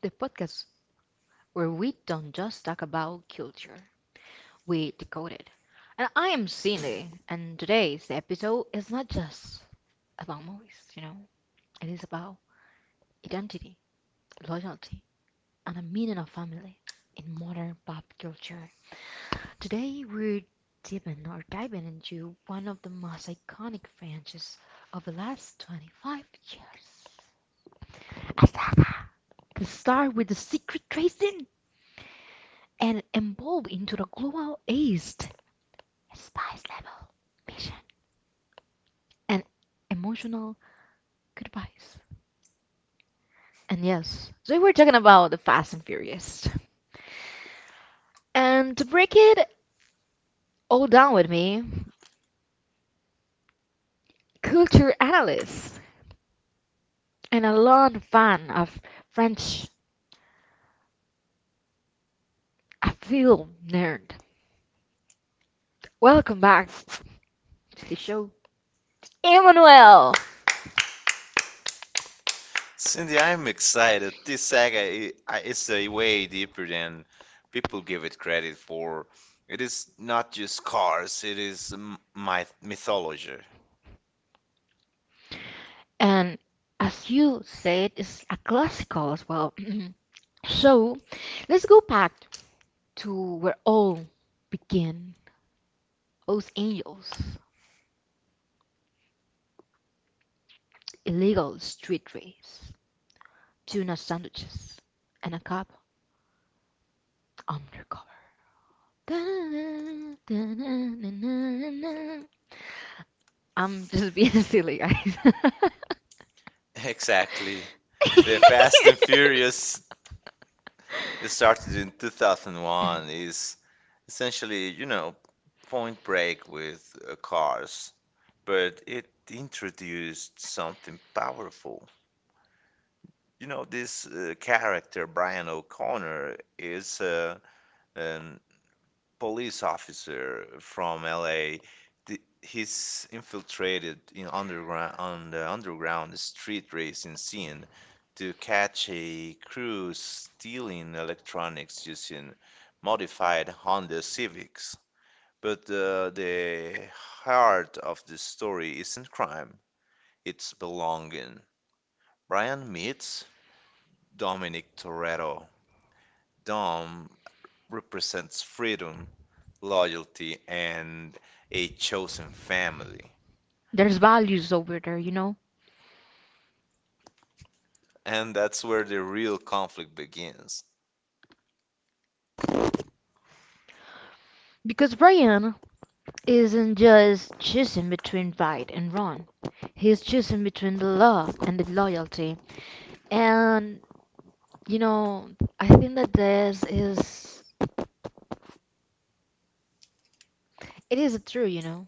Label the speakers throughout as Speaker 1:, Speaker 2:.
Speaker 1: the podcast where we don't just talk about culture, we decode it. And I am Cindy, and today's episode is not just about movies, it is about identity, loyalty, and the meaning of family in modern pop culture. Today we're diving into one of the most iconic franchises of the last 25 years. A saga that starts with the secret tracing and evolve into the global east. Spice level mission and emotional goodbyes. And yes, so we were talking about the Fast and Furious. And to break it all down with me, culture analyst and a long fan of French, a film nerd. Welcome back to the show, Emmanuel.
Speaker 2: Cindy, I'm excited. This saga is way deeper than people give it credit for. It is not just cars, it is my mythology.
Speaker 1: And as you said, it's a classical as well. So let's go back to where all began. Los Angeles, illegal street race, tuna sandwiches, and a cop undercover. I'm just being silly, guys.
Speaker 2: Exactly. The Fast and Furious it started in 2001 is essentially, Point Break with cars, but it introduced something powerful. This character, Brian O'Connor, is an police officer from LA. He's infiltrated in underground on the underground street racing scene to catch a crew stealing electronics using modified Honda Civics. But the heart of the story isn't crime, it's belonging. Brian meets Dominic Toretto. Dom represents freedom, loyalty, and a chosen family.
Speaker 1: There's values over there, you know?
Speaker 2: And that's where the real conflict begins.
Speaker 1: Because Brian isn't just choosing between right and wrong. He's choosing between the law and the loyalty. And You know, I think that this is it is true, you know.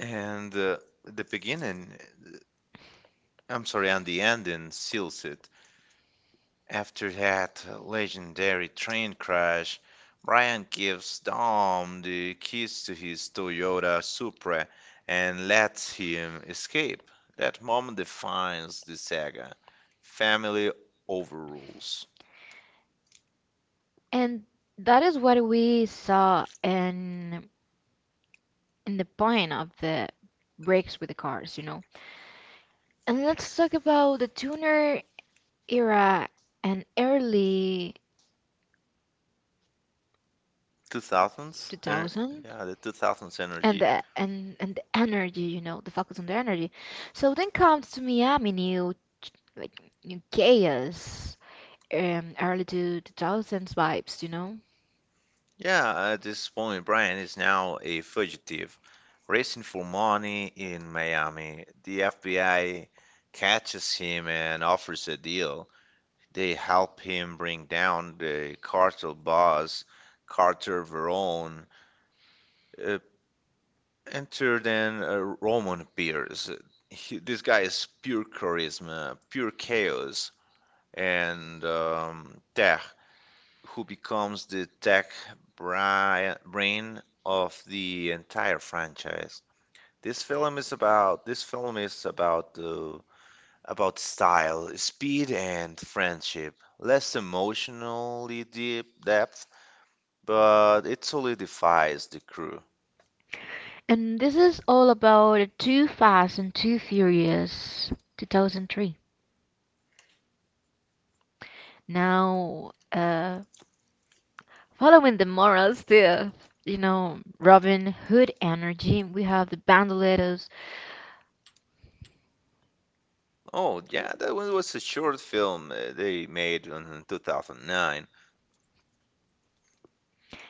Speaker 2: And the beginning, I'm sorry, and the ending seals it. After that legendary train crash, Brian gives Dom the keys to his Toyota Supra and lets him escape. That moment defines the saga. Family overrules.
Speaker 1: And that is what we saw in the point of the breaks with the cars, you know. And let's talk about the tuner era and early
Speaker 2: 2000s?
Speaker 1: 2000
Speaker 2: Yeah, the 2000s
Speaker 1: and
Speaker 2: energy.
Speaker 1: the and the energy, you know, the focus on the energy. So then comes to Miami new ch- like new chaos early 2000s vibes, you know.
Speaker 2: Yeah, at this point, Brian is now a fugitive, racing for money in Miami. The FBI catches him and offers a deal. They help him bring down the cartel boss, Carter Verone, uh, enter then Roman Pierce. This guy is pure charisma, pure chaos, and yeah, who becomes the tech brain of the entire franchise. This film is about this film is about the about style, speed, and friendship. Less emotionally deep depth, but it solidifies the crew.
Speaker 1: And this is all about Too Fast and Too Furious 2003. Now, following the moral stuff, you know, Robin Hood energy, we have the Bandoleros.
Speaker 2: Oh yeah, that one was a short film they made in 2009.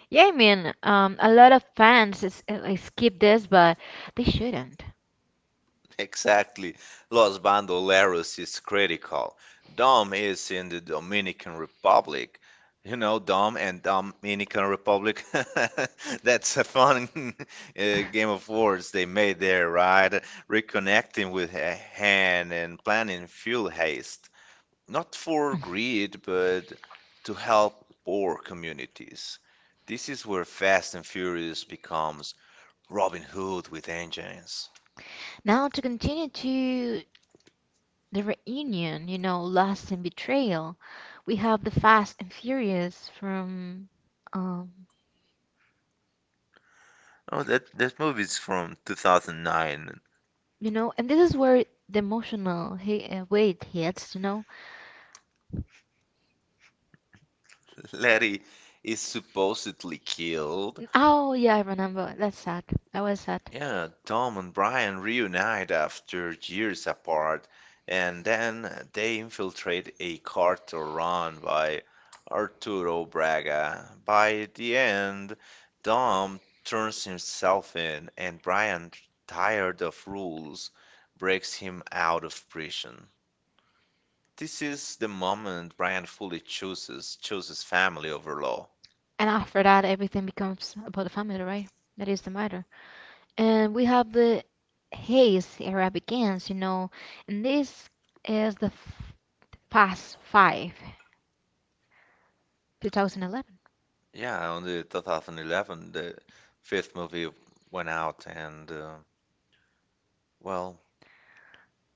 Speaker 1: Yeah, I mean, a lot of fans is, like, skip this, but they shouldn't.
Speaker 2: Exactly. Los Bandoleros is critical. Dom is in the Dominican Republic. You know, Dom and Dominican Republic. That's a fun uh, game of words they made there, right? Reconnecting with a hand and planning fuel haste. Not for greed, but to help poor communities. This is where Fast and Furious becomes Robin Hood with engines.
Speaker 1: Now, to continue to the reunion, you know, Lost and Betrayal, we have the Fast and Furious from. Um,
Speaker 2: Oh, that movie's from 2009.
Speaker 1: you know, and this is where the emotional weight hits, you know.
Speaker 2: Letty is supposedly killed.
Speaker 1: Oh, yeah, I remember. That's sad. That was sad.
Speaker 2: Yeah, Tom and Brian reunite after years apart, and then they infiltrate a cartel run by Arturo Braga. By the end, Tom turns himself in, and Brian, tired of rules, breaks him out of prison. This is the moment Brian fully chooses family over law.
Speaker 1: And after that, everything becomes about the family, right? That is the matter. And we have the haze era begins, you know, and this is the f past five, 2011.
Speaker 2: Yeah, on the 2011, the fifth movie went out, and well,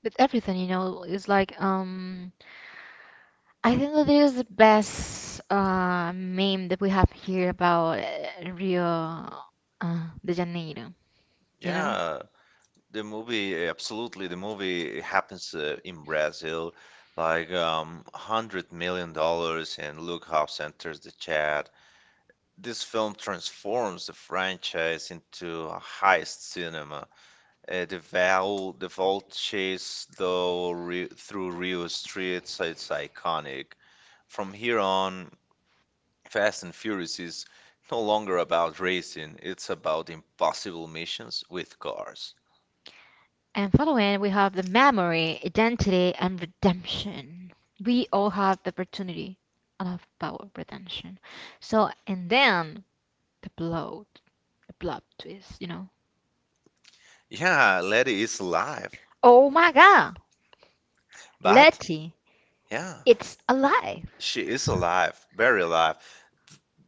Speaker 1: With everything, you know, it's like, I think that is the best meme that we have here about Rio de Janeiro, you know?
Speaker 2: yeah, the movie happens in Brazil, like $100 million, and Luke Hobbs enters the chat. This film transforms the franchise into a heist cinema. The vault chase though Ri through Rio streets, it's iconic. From here on, Fast and Furious is no longer about racing, it's about impossible missions with cars.
Speaker 1: And following, we have the memory, identity, and redemption. We all have the opportunity and have power of redemption. So, and then the blood, the blood twist, you know.
Speaker 2: Yeah, Letty is alive,
Speaker 1: Oh my God,
Speaker 2: but
Speaker 1: Letty,
Speaker 2: yeah,
Speaker 1: it's alive.
Speaker 2: she is alive, very alive,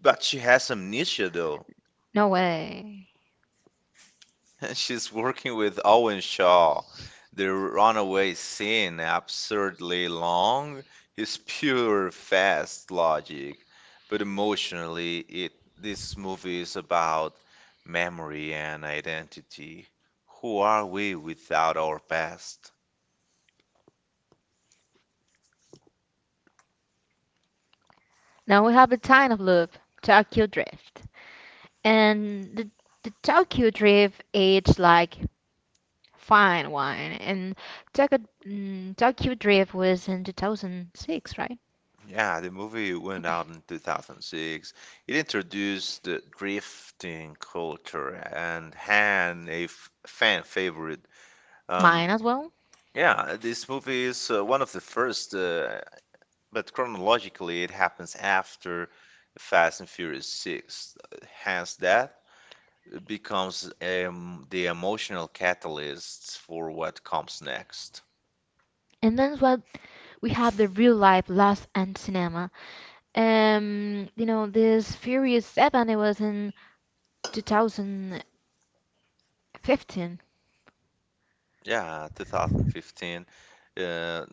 Speaker 2: but she has amnesia though.
Speaker 1: No way.
Speaker 2: She's working with Owen Shaw. The runaway scene, absurdly long, is pure fast logic, but emotionally, it this movie is about memory and identity. Who are we without our past?
Speaker 1: Now we have the time loop, Tokyo Drift. And the Tokyo Drift aged like fine wine. And Tokyo, Tokyo Drift was in 2006, right?
Speaker 2: Yeah, the movie went out in 2006. It introduced the drifting culture and had a fan favorite. Um,
Speaker 1: Mine as well.
Speaker 2: Yeah, this movie is one of the first, but chronologically it happens after Fast and Furious 6. Hence, that becomes the emotional catalyst for what comes next.
Speaker 1: And then what we have the real life Lost and Cinema. You know, this Furious Seven. It was in 2015.
Speaker 2: Yeah, 2015. Uh,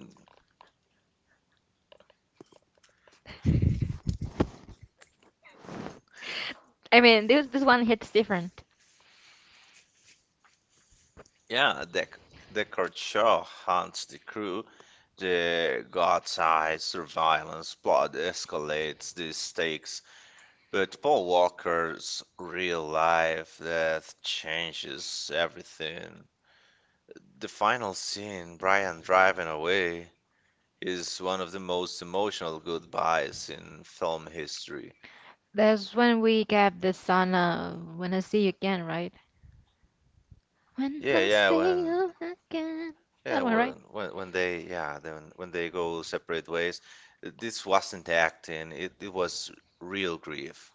Speaker 1: I mean, this one hits different.
Speaker 2: yeah, Deckard Shaw hunts the crew. The God's eye surveillance plot escalates the stakes. But Paul Walker's real life that changes everything. The final scene, Brian driving away, is one of the most emotional goodbyes in film history.
Speaker 1: That's when we get the song "When I See You Again," right? When
Speaker 2: Yeah,
Speaker 1: I
Speaker 2: yeah,
Speaker 1: see you again. Yeah, that one, right?
Speaker 2: when they go separate ways, this wasn't acting, it was real grief.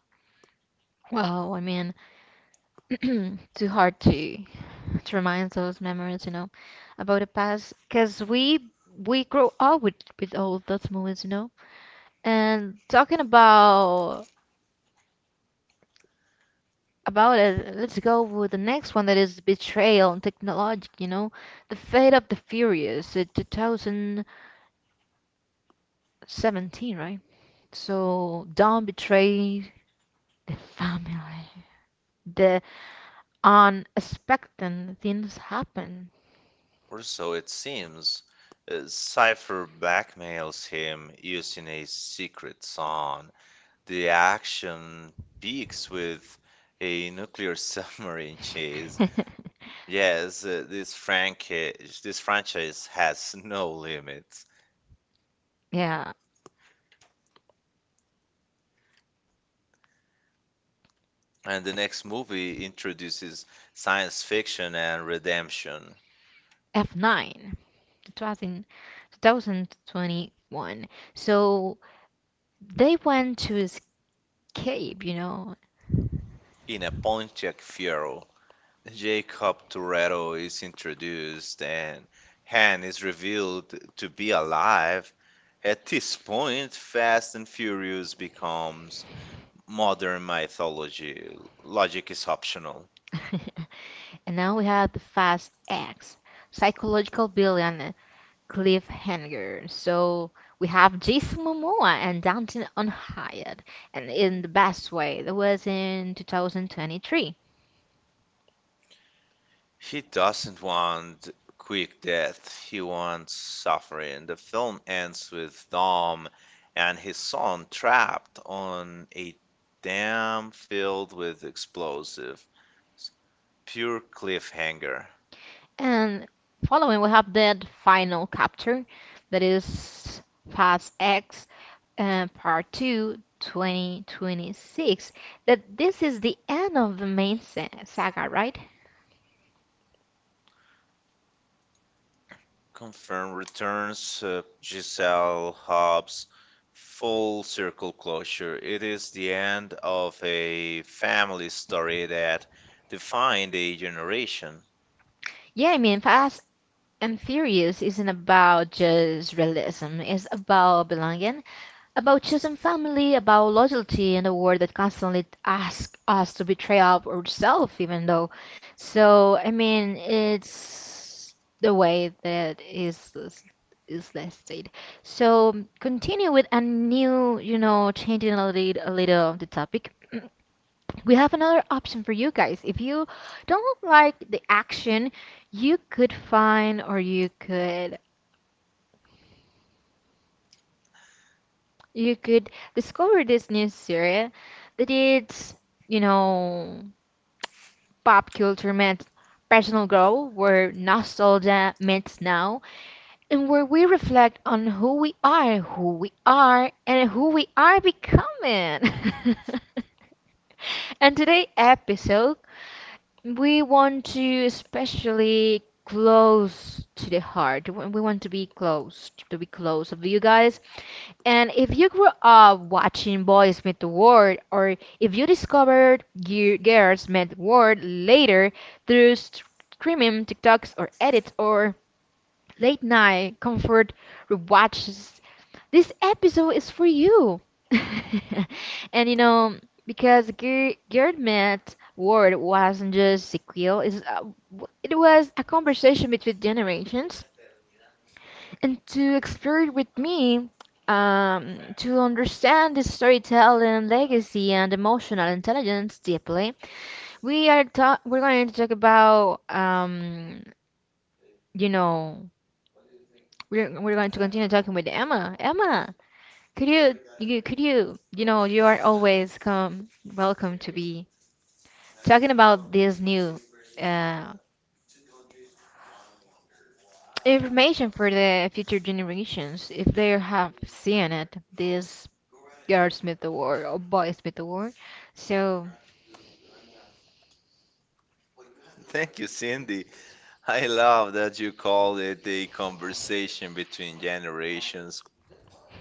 Speaker 1: Wow, I mean, too hard to remind those memories, you know, about the past, because we grow up with all those movies, you know. And talking about it, let's go with the next one that is Betrayal and Technologic, you know, The Fate of the Furious, 2017, right? So don't betray the family. The unexpected things happen.
Speaker 2: Or so it seems. Cypher blackmails him using a secret song. The action peaks with a nuclear submarine chase. Yes, this franchise has no limits.
Speaker 1: Yeah,
Speaker 2: And the next movie introduces science fiction and redemption.
Speaker 1: F9. It was in 2021. So they went to escape, you know.
Speaker 2: In a Pontiac Fiero, Jacob Toretto is introduced and Han is revealed to be alive. At this point, Fast and Furious becomes modern mythology, logic is optional.
Speaker 1: And now we have the Fast X, psychological villain cliffhanger. So we have Jason Momoa and Dante on Hyatt, and in the best way. That was in 2023.
Speaker 2: He doesn't want quick death, he wants suffering. The film ends with Dom and his son trapped on a dam filled with explosives. Pure cliffhanger.
Speaker 1: And following, we have that final chapter that is Fast X Part 2 2026. That this is the end of the main saga, right?
Speaker 2: Confirm returns Giselle Hobbs full circle closure. It is the end of a family story that defined a generation.
Speaker 1: Yeah, I mean, Fast and Furious isn't about just realism, it's about belonging about choosing family, about loyalty in a world that constantly asks us to betray ourselves, even though. So, I mean, it's the way that is less. So, continue with a new, you know, changing a little of the topic. We have another option for you guys. If you don't like the action, you could you could discover this new series that it's, you know, pop culture meets personal growth, where nostalgia meets now, and where we reflect on who we are, and who we are becoming. And today episode, we want to especially close to the heart. We want to to be close of you guys. And if you grew up watching boys meet the world, or if you discovered girls meet the world later through streaming TikToks or edits or late night comfort rewatches, this episode is for you. And you know, because Girl Met World wasn't just sequel, it's, it was a conversation between generations and to explore it with me, to understand the storytelling legacy and emotional intelligence deeply, we're going to talk about you know, we're going to continue talking with Emma. Emma, you could you are always come welcome to be talking about this new uh, information for the future generations if they have seen it this Girl Smith Award or Boy Smith Award. So
Speaker 2: Thank you, Cindy. I love that you called it a conversation between generations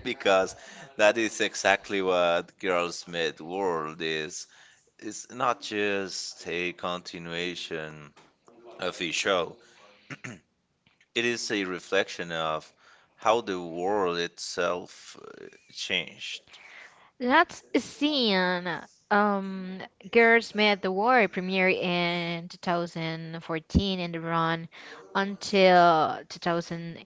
Speaker 2: because that is exactly what Girls Meet World is. It's not just a continuation of a show, it is a reflection of how the world itself changed.
Speaker 1: let's see. Girl Smith Award premiered in 2014 and run until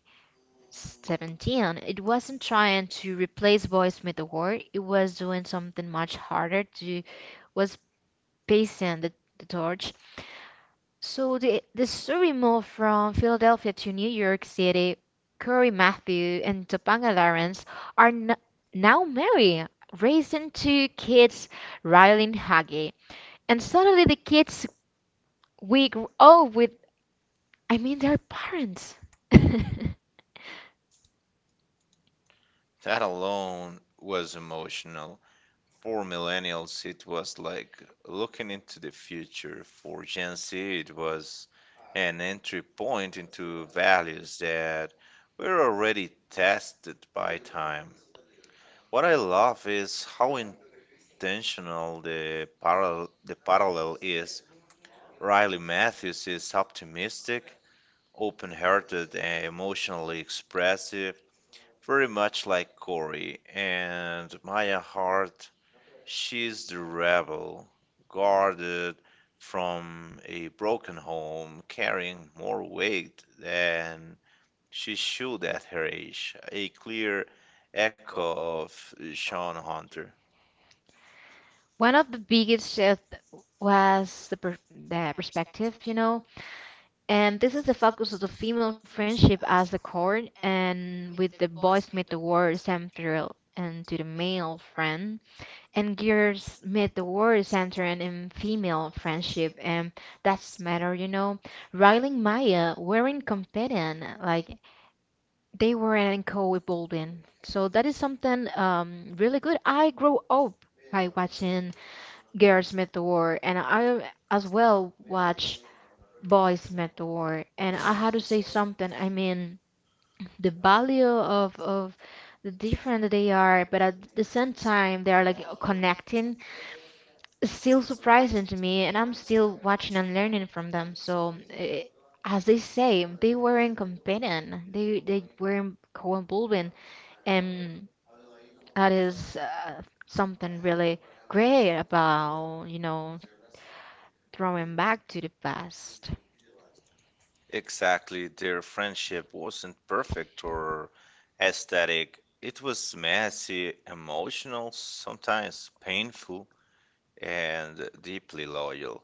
Speaker 1: 2017. It wasn't trying to replace Boy Smith Award. It was doing something much harder to was passing the torch. So the story moved from Philadelphia to New York City. Curry Matthew and Topanga Lawrence are n now married, raising two kids, Riley and Haggie. And suddenly the kids we grew up with, I mean their parents.
Speaker 2: That alone was emotional. For millennials, it was like looking into the future. For Gen Z, it was an entry point into values that were already tested by time. What I love is how intentional the parallel is. Riley Matthews is optimistic open hearted and emotionally expressive, very much like Corey. And Maya Hart, she's the rebel, guarded from a broken home, carrying more weight than she should at her age, a clear echo of Sean Hunter.
Speaker 1: One of the biggest shift was the perspective, you know. And this is the focus of the female friendship as the core, and with the boys meet the world central and to the male friend, and girls meet the world center and in female friendship, and that's matter, you know. Riley and Maya weren't competing, like they were in co evolving so that is something really good. I grew up by watching Girls Meet the World, and I as well watch boys mentor and I had to say something. I mean the value of the different they are but at the same time they are like connecting is still surprising to me and I'm still watching and learning from them so as they say they weren't competing they weren't co-involving and that is something really great about you know throwing back to the past.
Speaker 2: Exactly, their friendship wasn't perfect or aesthetic. It was messy, emotional, sometimes painful, and deeply loyal.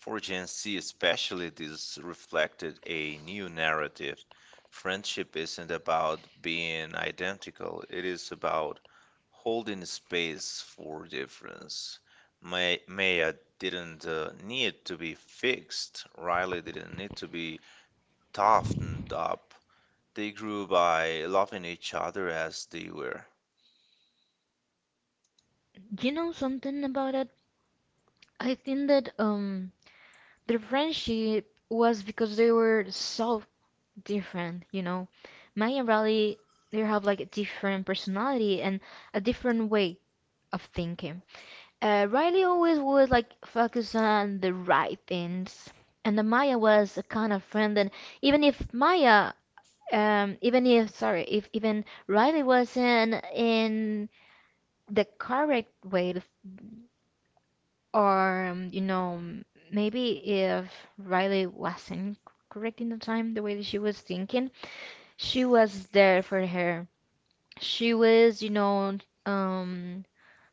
Speaker 2: For Gen Z, especially, this reflected a new narrative. Friendship isn't about being identical, it is about holding space for difference. Maya didn't need to be fixed, Riley didn't need to be toughened up. They grew by loving each other as they were.
Speaker 1: Do you know something about it? I think that their friendship was because they were so different, you know. Maya and Riley, they have like a different personality and a different way of thinking. Riley always would like focus on the right things, and the Maya was a kind of friend that even if Maya, even if sorry, if even Riley wasn't in the correct way to. Or, you know, maybe if Riley wasn't correct in the time, the way that she was thinking, she was there for her. She was, you know, um,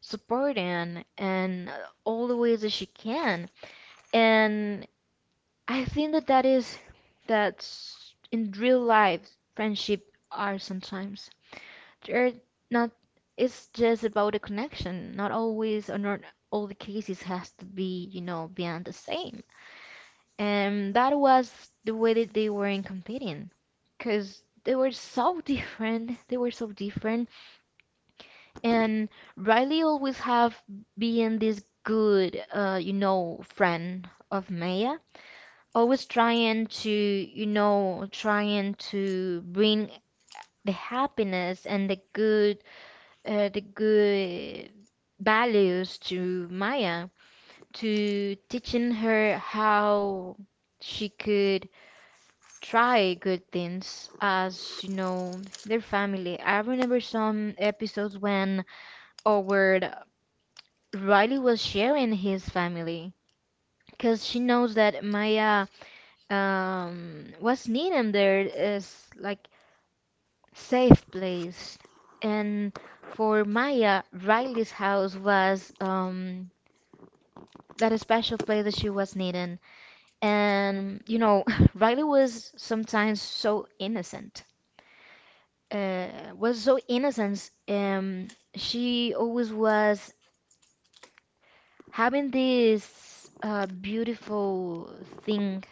Speaker 1: supporting and all the ways that she can. And I think that that is that in real life, friendship are sometimes they're not. It's just about a connection. Not always, or not all the cases has to be, you know, beyond the same. And that was the way that they were in competing. Because they were so different. They were so different. And Riley always have been this good, you know, friend of Maya. Always trying to, trying to bring the happiness and the good values to Maya, to teaching her how she could try good things as you know their family. I remember some episodes when Howard Riley was sharing his family because she knows that Maya was needed there is like safe place and for Maya Riley's house was that special place that she was needed and you know Riley was sometimes so innocent uh, was so innocent. She always was having this beautiful thing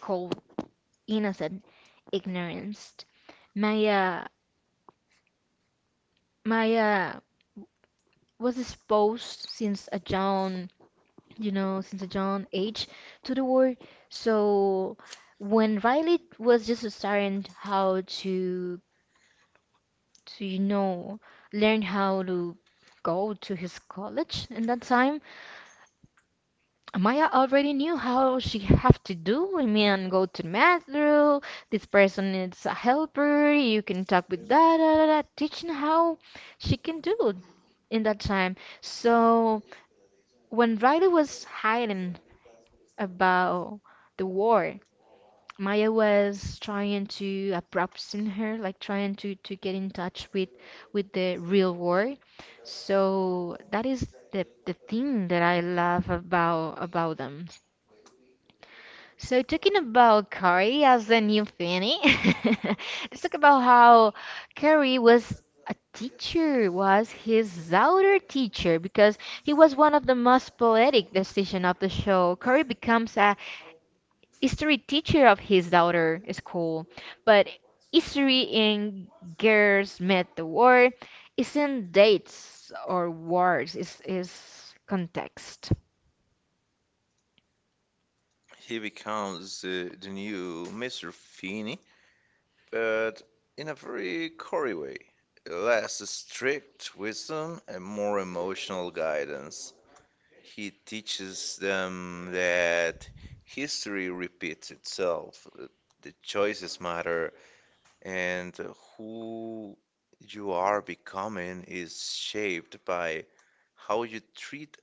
Speaker 1: called innocent ignorance. Maya, Maya was exposed since a young, you know, since a young age to the world. So when Riley was just starting to you know, learn how to go to his college in that time Maya already knew how she have to do. I mean, go to the master. This person needs a helper. You can talk with da da da da, teaching how she can do in that time. So when Riley was hiding about the war, Maya was trying to approximate her, like trying to get in touch with the real world. So that is the thing that I love about them. So talking about Carrie as a new Fanny, let's talk about how Carrie was a teacher, was his outer teacher, because he was one of the most poetic decision of the show. Carrie becomes a history teacher of his daughter school, but history in Girls Met the War isn't dates or wars, it's context.
Speaker 2: He becomes the new Mr. Feeney, but in a very Corey way. Less strict wisdom and more emotional guidance. He teaches them that history repeats itself, the choices matter, and who you are becoming is shaped by how you treat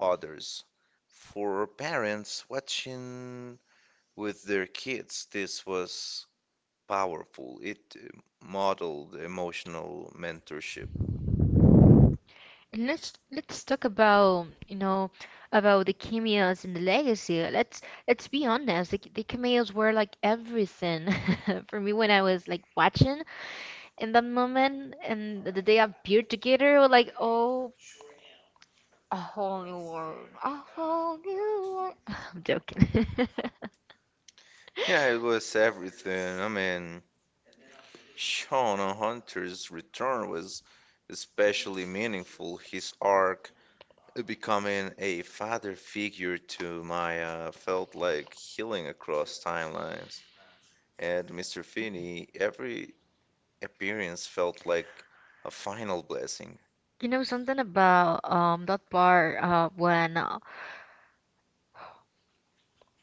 Speaker 2: others. For parents watching with their kids, this was powerful. It modeled emotional mentorship.
Speaker 1: Let's talk about about the cameos and the legacy. Let's be honest. The cameos were like everything for me when I was like watching in that moment, and the day appeared together, were like oh, a whole new world, a whole new world. I'm joking.
Speaker 2: Yeah, it was everything. I mean, Shaun Hunter's return was especially meaningful. His arc becoming a father figure to Maya felt like healing across timelines. And Mr. Finney, every appearance felt like a final blessing.
Speaker 1: You know something about that part when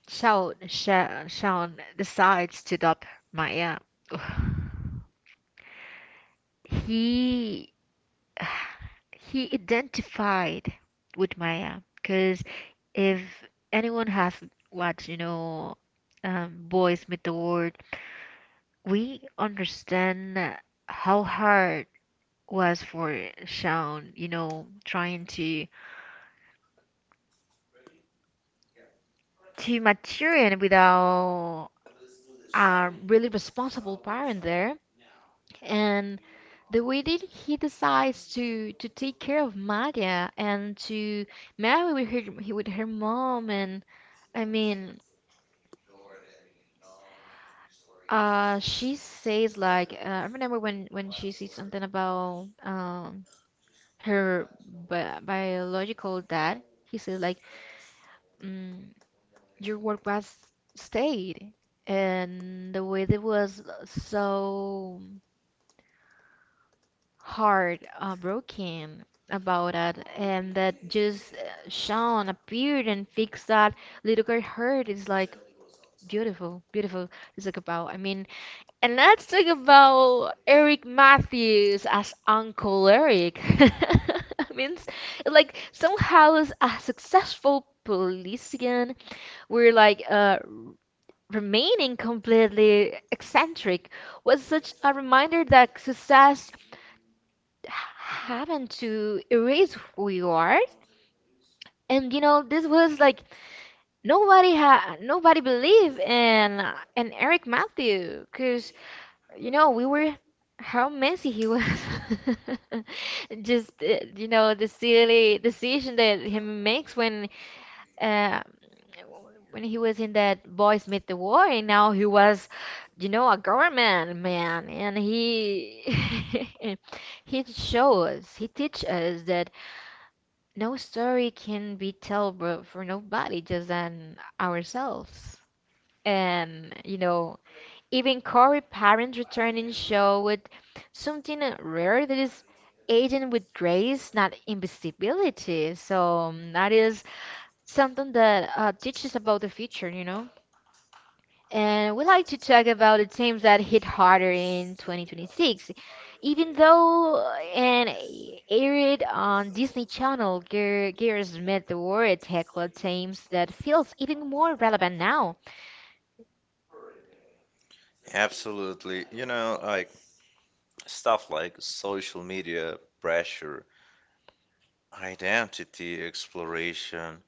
Speaker 1: Shaun decides to adopt Maya. he he identified with Maya because if anyone has watched, Boys Meet the World, we understand how hard was for Shawn, you know, trying to mature it without a really responsible parent there, and the way that he decides to take care of Maya and to marry with her mom and I mean, she says like I remember when she says something about her bi biological dad. He says like, mm, your work was stayed, and the way that was so hard, broken about it, and that just Sean appeared and fixed that little girl hurt. It's like beautiful, beautiful. It's like about. I mean. And let's talk about Eric Matthews as Uncle Eric. I Means like somehow as a successful policeman, we're like remaining completely eccentric was such a reminder that success happened to erase who you are. And you know, this was like nobody had nobody believed in Eric Matthew, cause you know, we were how messy he was. Just you know the silly decision that he makes uh, when he was in that Boys Meet the War, and now he was, you know, a government man, and he he shows he teach us that no story can be told for nobody, just than ourselves. And you know, even Corey parents returning showed something rare that is aging with grace, not invisibility. So that is something that teaches about the future, you know. And we like to talk about the teams that hit harder in 2026. Even though and aired on Disney Channel, Gear Smith the War tackled teams that feels even more relevant now.
Speaker 2: Absolutely. Like stuff like social media pressure, identity exploration,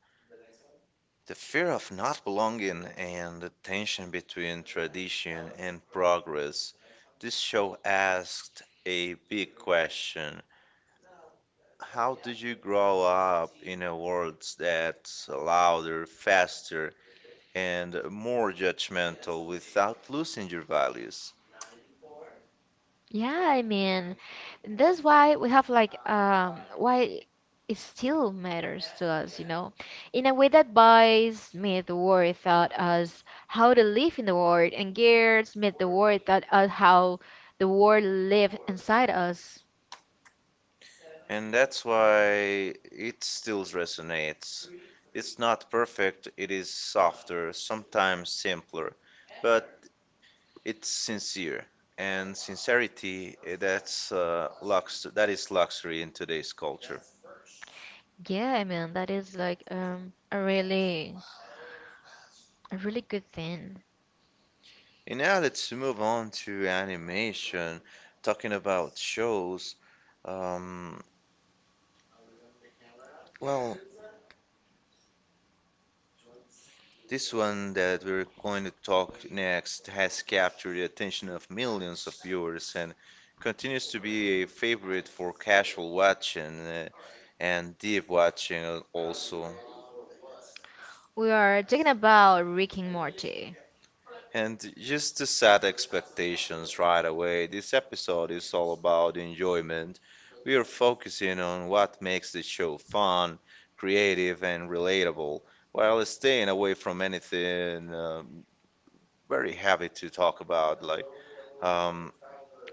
Speaker 2: the fear of not belonging, and the tension between tradition and progress. This show asked a big question. How did you grow up in a world that's louder, faster, and more judgmental without losing your values?
Speaker 1: Yeah, I mean, that's why we have like why it still matters to us, you know, in a way that boys made the world taught us how to live in the world, and girls made the world taught us how the world lived inside us.
Speaker 2: And that's why it still resonates. It's not perfect, it is softer, sometimes simpler, but it's sincere. And sincerity, that is luxury in today's culture.
Speaker 1: Yeah, I mean that is like a really good thing.
Speaker 2: And now let's move on to animation, talking about shows. Um, well, this one that we're going to talk next has captured the attention of millions of viewers and continues to be a favorite for casual watching and deep watching also.
Speaker 1: We are talking about Rick and Morty.
Speaker 2: And just to set expectations right away, this episode is all about enjoyment. We are focusing on what makes the show fun, creative, and relatable, while staying away from anything. Very happy to talk about like um,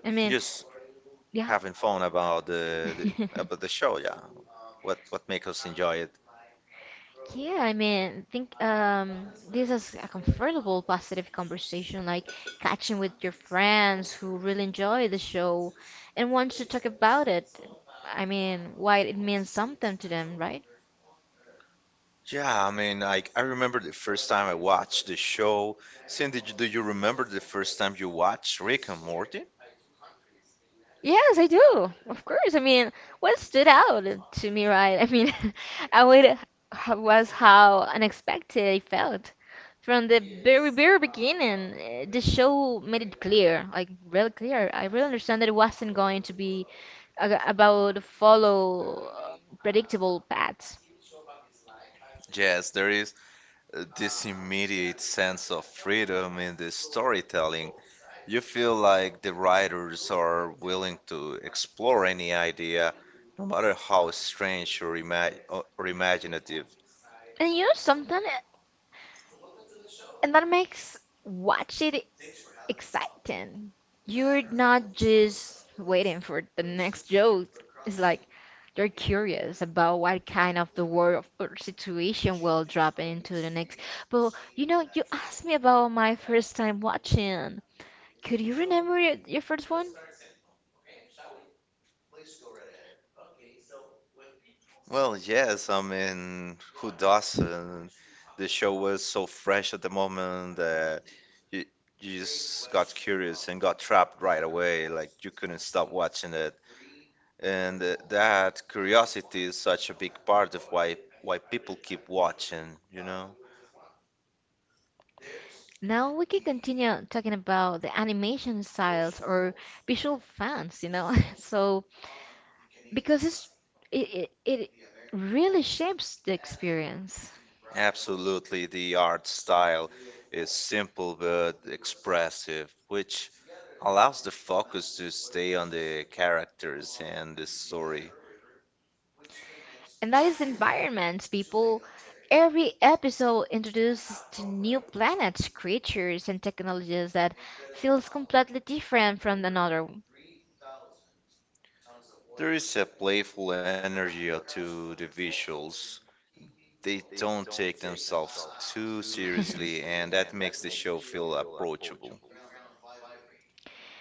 Speaker 1: I mean,
Speaker 2: just
Speaker 1: yeah.
Speaker 2: having fun about the show. Yeah, what make us enjoy it?
Speaker 1: Yeah, I mean, think this is a comfortable, positive conversation, like catching with your friends who really enjoy the show and wants to talk about it. I mean, why it means something to them, right?
Speaker 2: Yeah, I mean, like I remember the first time I watched the show. Cindy, do you remember the first time you watched Rick and Morty?
Speaker 1: Yes, I do. Of course. I mean, what stood out to me, right? I mean, I would h- was how unexpected I felt. From the very, very beginning, eh, the show made it clear, like real clear. I really understand that it wasn't going to be about follow predictable paths.
Speaker 2: Yes, there is this immediate sense of freedom in the storytelling. You feel like the writers are willing to explore any idea, no matter how strange or imaginative.
Speaker 1: And you know something, and that makes watch it exciting. You're not just waiting for the next joke. It's like you're curious about what kind of the world or situation will drop into the next. But you know, you asked me about my first time watching. Could you remember your first one?
Speaker 2: Well, yes, I mean, who doesn't? The show was so fresh at the moment that you, you just got curious and got trapped right away. Like, you couldn't stop watching it. And that curiosity is such a big part of why people keep watching, you know?
Speaker 1: Now we can continue talking about the animation styles or visual fans, you know. So because it's it, it it really shapes the experience,
Speaker 2: Absolutely, the art style is simple but expressive, which allows the focus to stay on the characters and the story.
Speaker 1: and that is the environment. People, every episode introduces to new planets, creatures, and technologies that feels completely different from another.
Speaker 2: There is a playful energy to the visuals. They don't take themselves too seriously, and that makes the show feel approachable.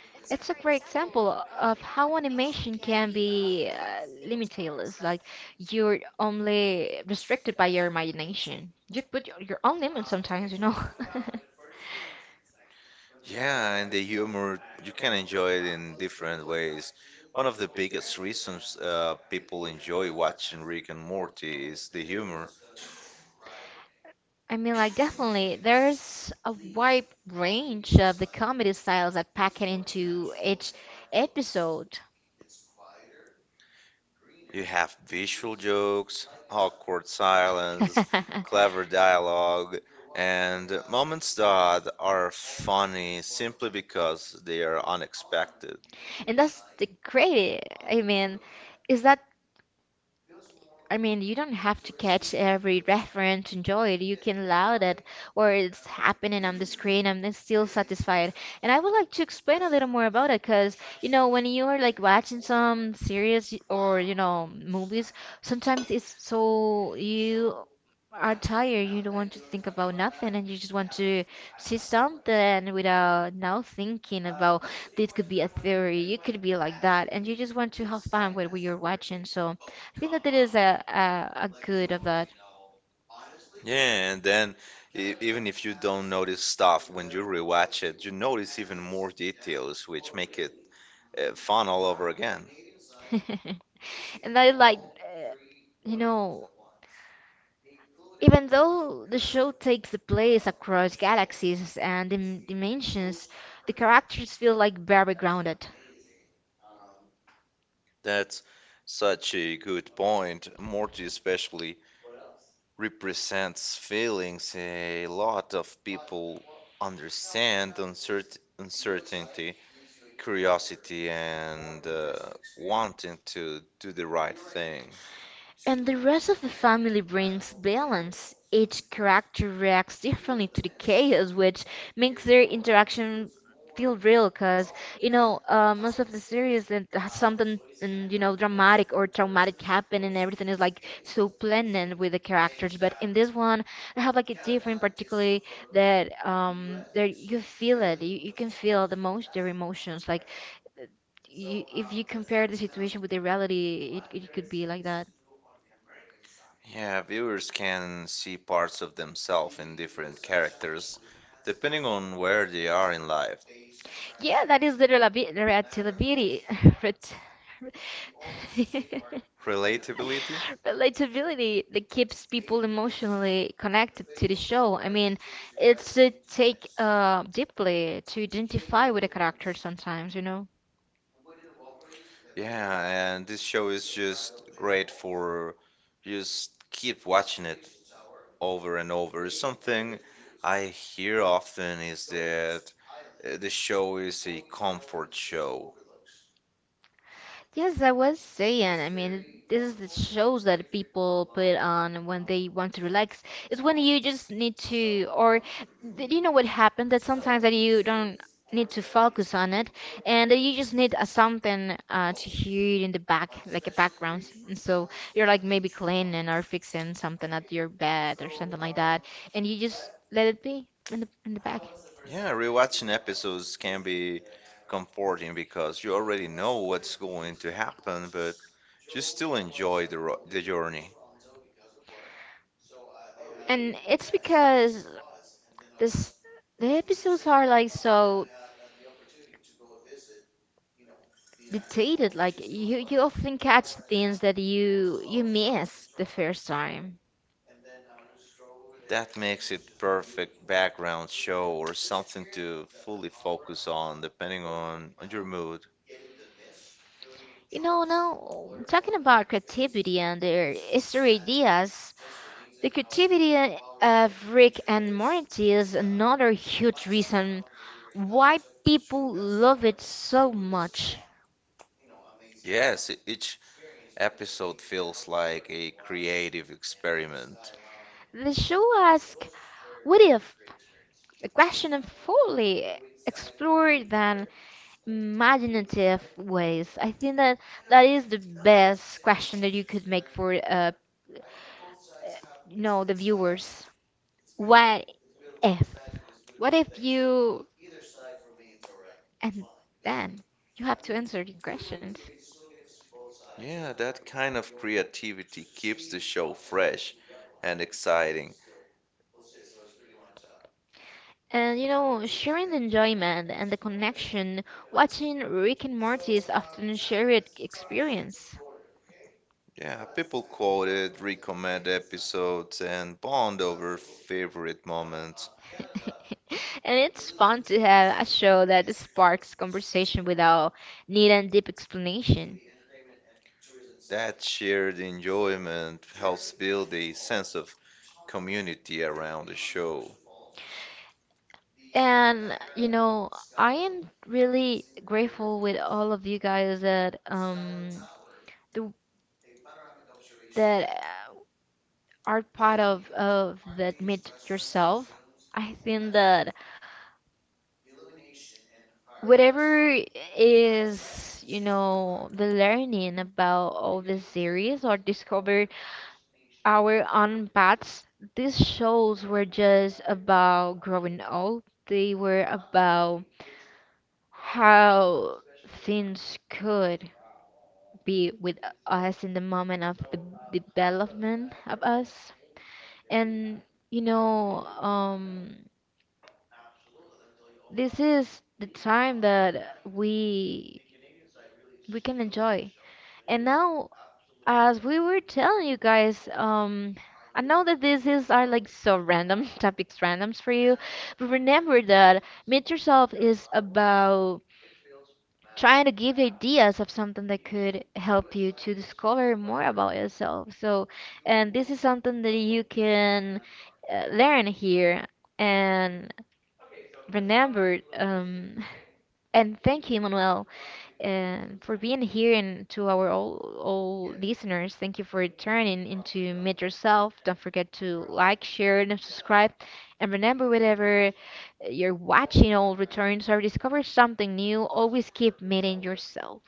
Speaker 1: It's a great example of how animation can be limitless. Like you're only restricted by your imagination. You put your own limits sometimes, you know.
Speaker 2: Yeah, and the humor, you can enjoy it in different ways. One of the biggest reasons people enjoy watching Rick and Morty is the humor.
Speaker 1: I mean, like definitely, there's a wide range of the comedy styles that pack it into each episode.
Speaker 2: You
Speaker 1: You
Speaker 2: have visual jokes, awkward silence, clever dialogue, and moments that are funny simply because they are unexpected.
Speaker 1: And that's the great. I mean, is that I mean, you don't have to catch every reference, to enjoy it. You can allow that or it's happening on the screen and then still satisfied. And I would like to explain a little more about it because, you know, when you are like watching some series or, you know, movies, sometimes it's so you are tired, you don't want to think about nothing and you just want to see something without now thinking about this could be a theory, you could be like that, and you just want to have fun with what you're watching. So I think that it is a good of that.
Speaker 2: Yeah, and then even if you don't notice stuff when you rewatch it, you notice even more details, which make it fun all over again.
Speaker 1: and I like, you know, even though the show takes place across galaxies and dimensions, the characters feel like very grounded.
Speaker 2: That's such a good point, Morty especially represents feelings a lot of people understand uncertainty, curiosity, and wanting to do the right thing.
Speaker 1: And the rest of the family brings balance. Each character reacts differently to the chaos, which makes their interaction feel real. Cause you know, most of the series that has something, and you know, dramatic or traumatic happen, and everything is like so planned with the characters. But in this one, they have like a different, particularly that there you feel it. You can feel the most their emotions. Like you, if you compare the situation with the reality, it could be like that.
Speaker 2: Yeah, viewers can see parts of themselves in different characters depending on where they are in life.
Speaker 1: Yeah, that is the relativity. ret-
Speaker 2: Relatability?
Speaker 1: Relatability that keeps people emotionally connected to the show. I mean, it's a take deeply to identify with a character sometimes, you know?
Speaker 2: Yeah, and this show is just great for just keep watching it over and over. Something I hear often is that the show is a comfort show.
Speaker 1: Yes, I was saying. I mean, this is the shows that people put on when they want to relax. It's when you just need to, or do you know what happened? That sometimes that you don't need to focus on it, and that you just need a something to hear it in the back, like a background. And so you're like maybe cleaning or fixing something at your bed or something like that, and you just let it be in the back.
Speaker 2: Yeah, rewatching episodes can be comforting because you already know what's going to happen, but you still enjoy the journey.
Speaker 1: And it's because this the episodes are like so. Dictated like you often catch things that you miss the first time
Speaker 2: That makes it perfect background show or something to fully focus on depending on your mood.
Speaker 1: you know now talking about creativity and their history ideas the creativity of rick and morty is another huge reason why people love it so much
Speaker 2: Yes, each episode feels like a creative experiment.
Speaker 1: the show asks what if a question and fully explored then imaginative ways. I think that that is the best question that you could make for you know, the viewers. What if? What if you and then you have to answer the questions?
Speaker 2: Yeah, that kind of creativity keeps the show fresh and exciting.
Speaker 1: And you know, sharing the enjoyment and the connection, watching Rick and Morty is often a shared experience.
Speaker 2: Yeah, people quote it, recommend episodes, and bond over favorite moments.
Speaker 1: And it's fun to have a show that sparks conversation without need and deep explanation.
Speaker 2: That shared enjoyment helps build a sense of community around the show.
Speaker 1: And you know, I am really grateful with all of you guys that the, that are part of that meet yourself. I think that whatever is you know the learning about all this series or discover our own paths. These shows were just about growing old, they were about how things could be with us in the moment of the development of us. And you know, this is the time that we can enjoy. And now as we were telling you guys, I know that this is are like so random topics, randoms for you, but remember that Meet Yourself is about trying to give you ideas of something that could help you to discover more about yourself. So, and this is something that you can learn here. And remember, and thank you, Manuel for being here and to our all listeners. Thank you for turning into Meet Yourself. Don't forget to like, share, and subscribe. And remember, whatever you're watching all returns or discover something new, always keep meeting yourself.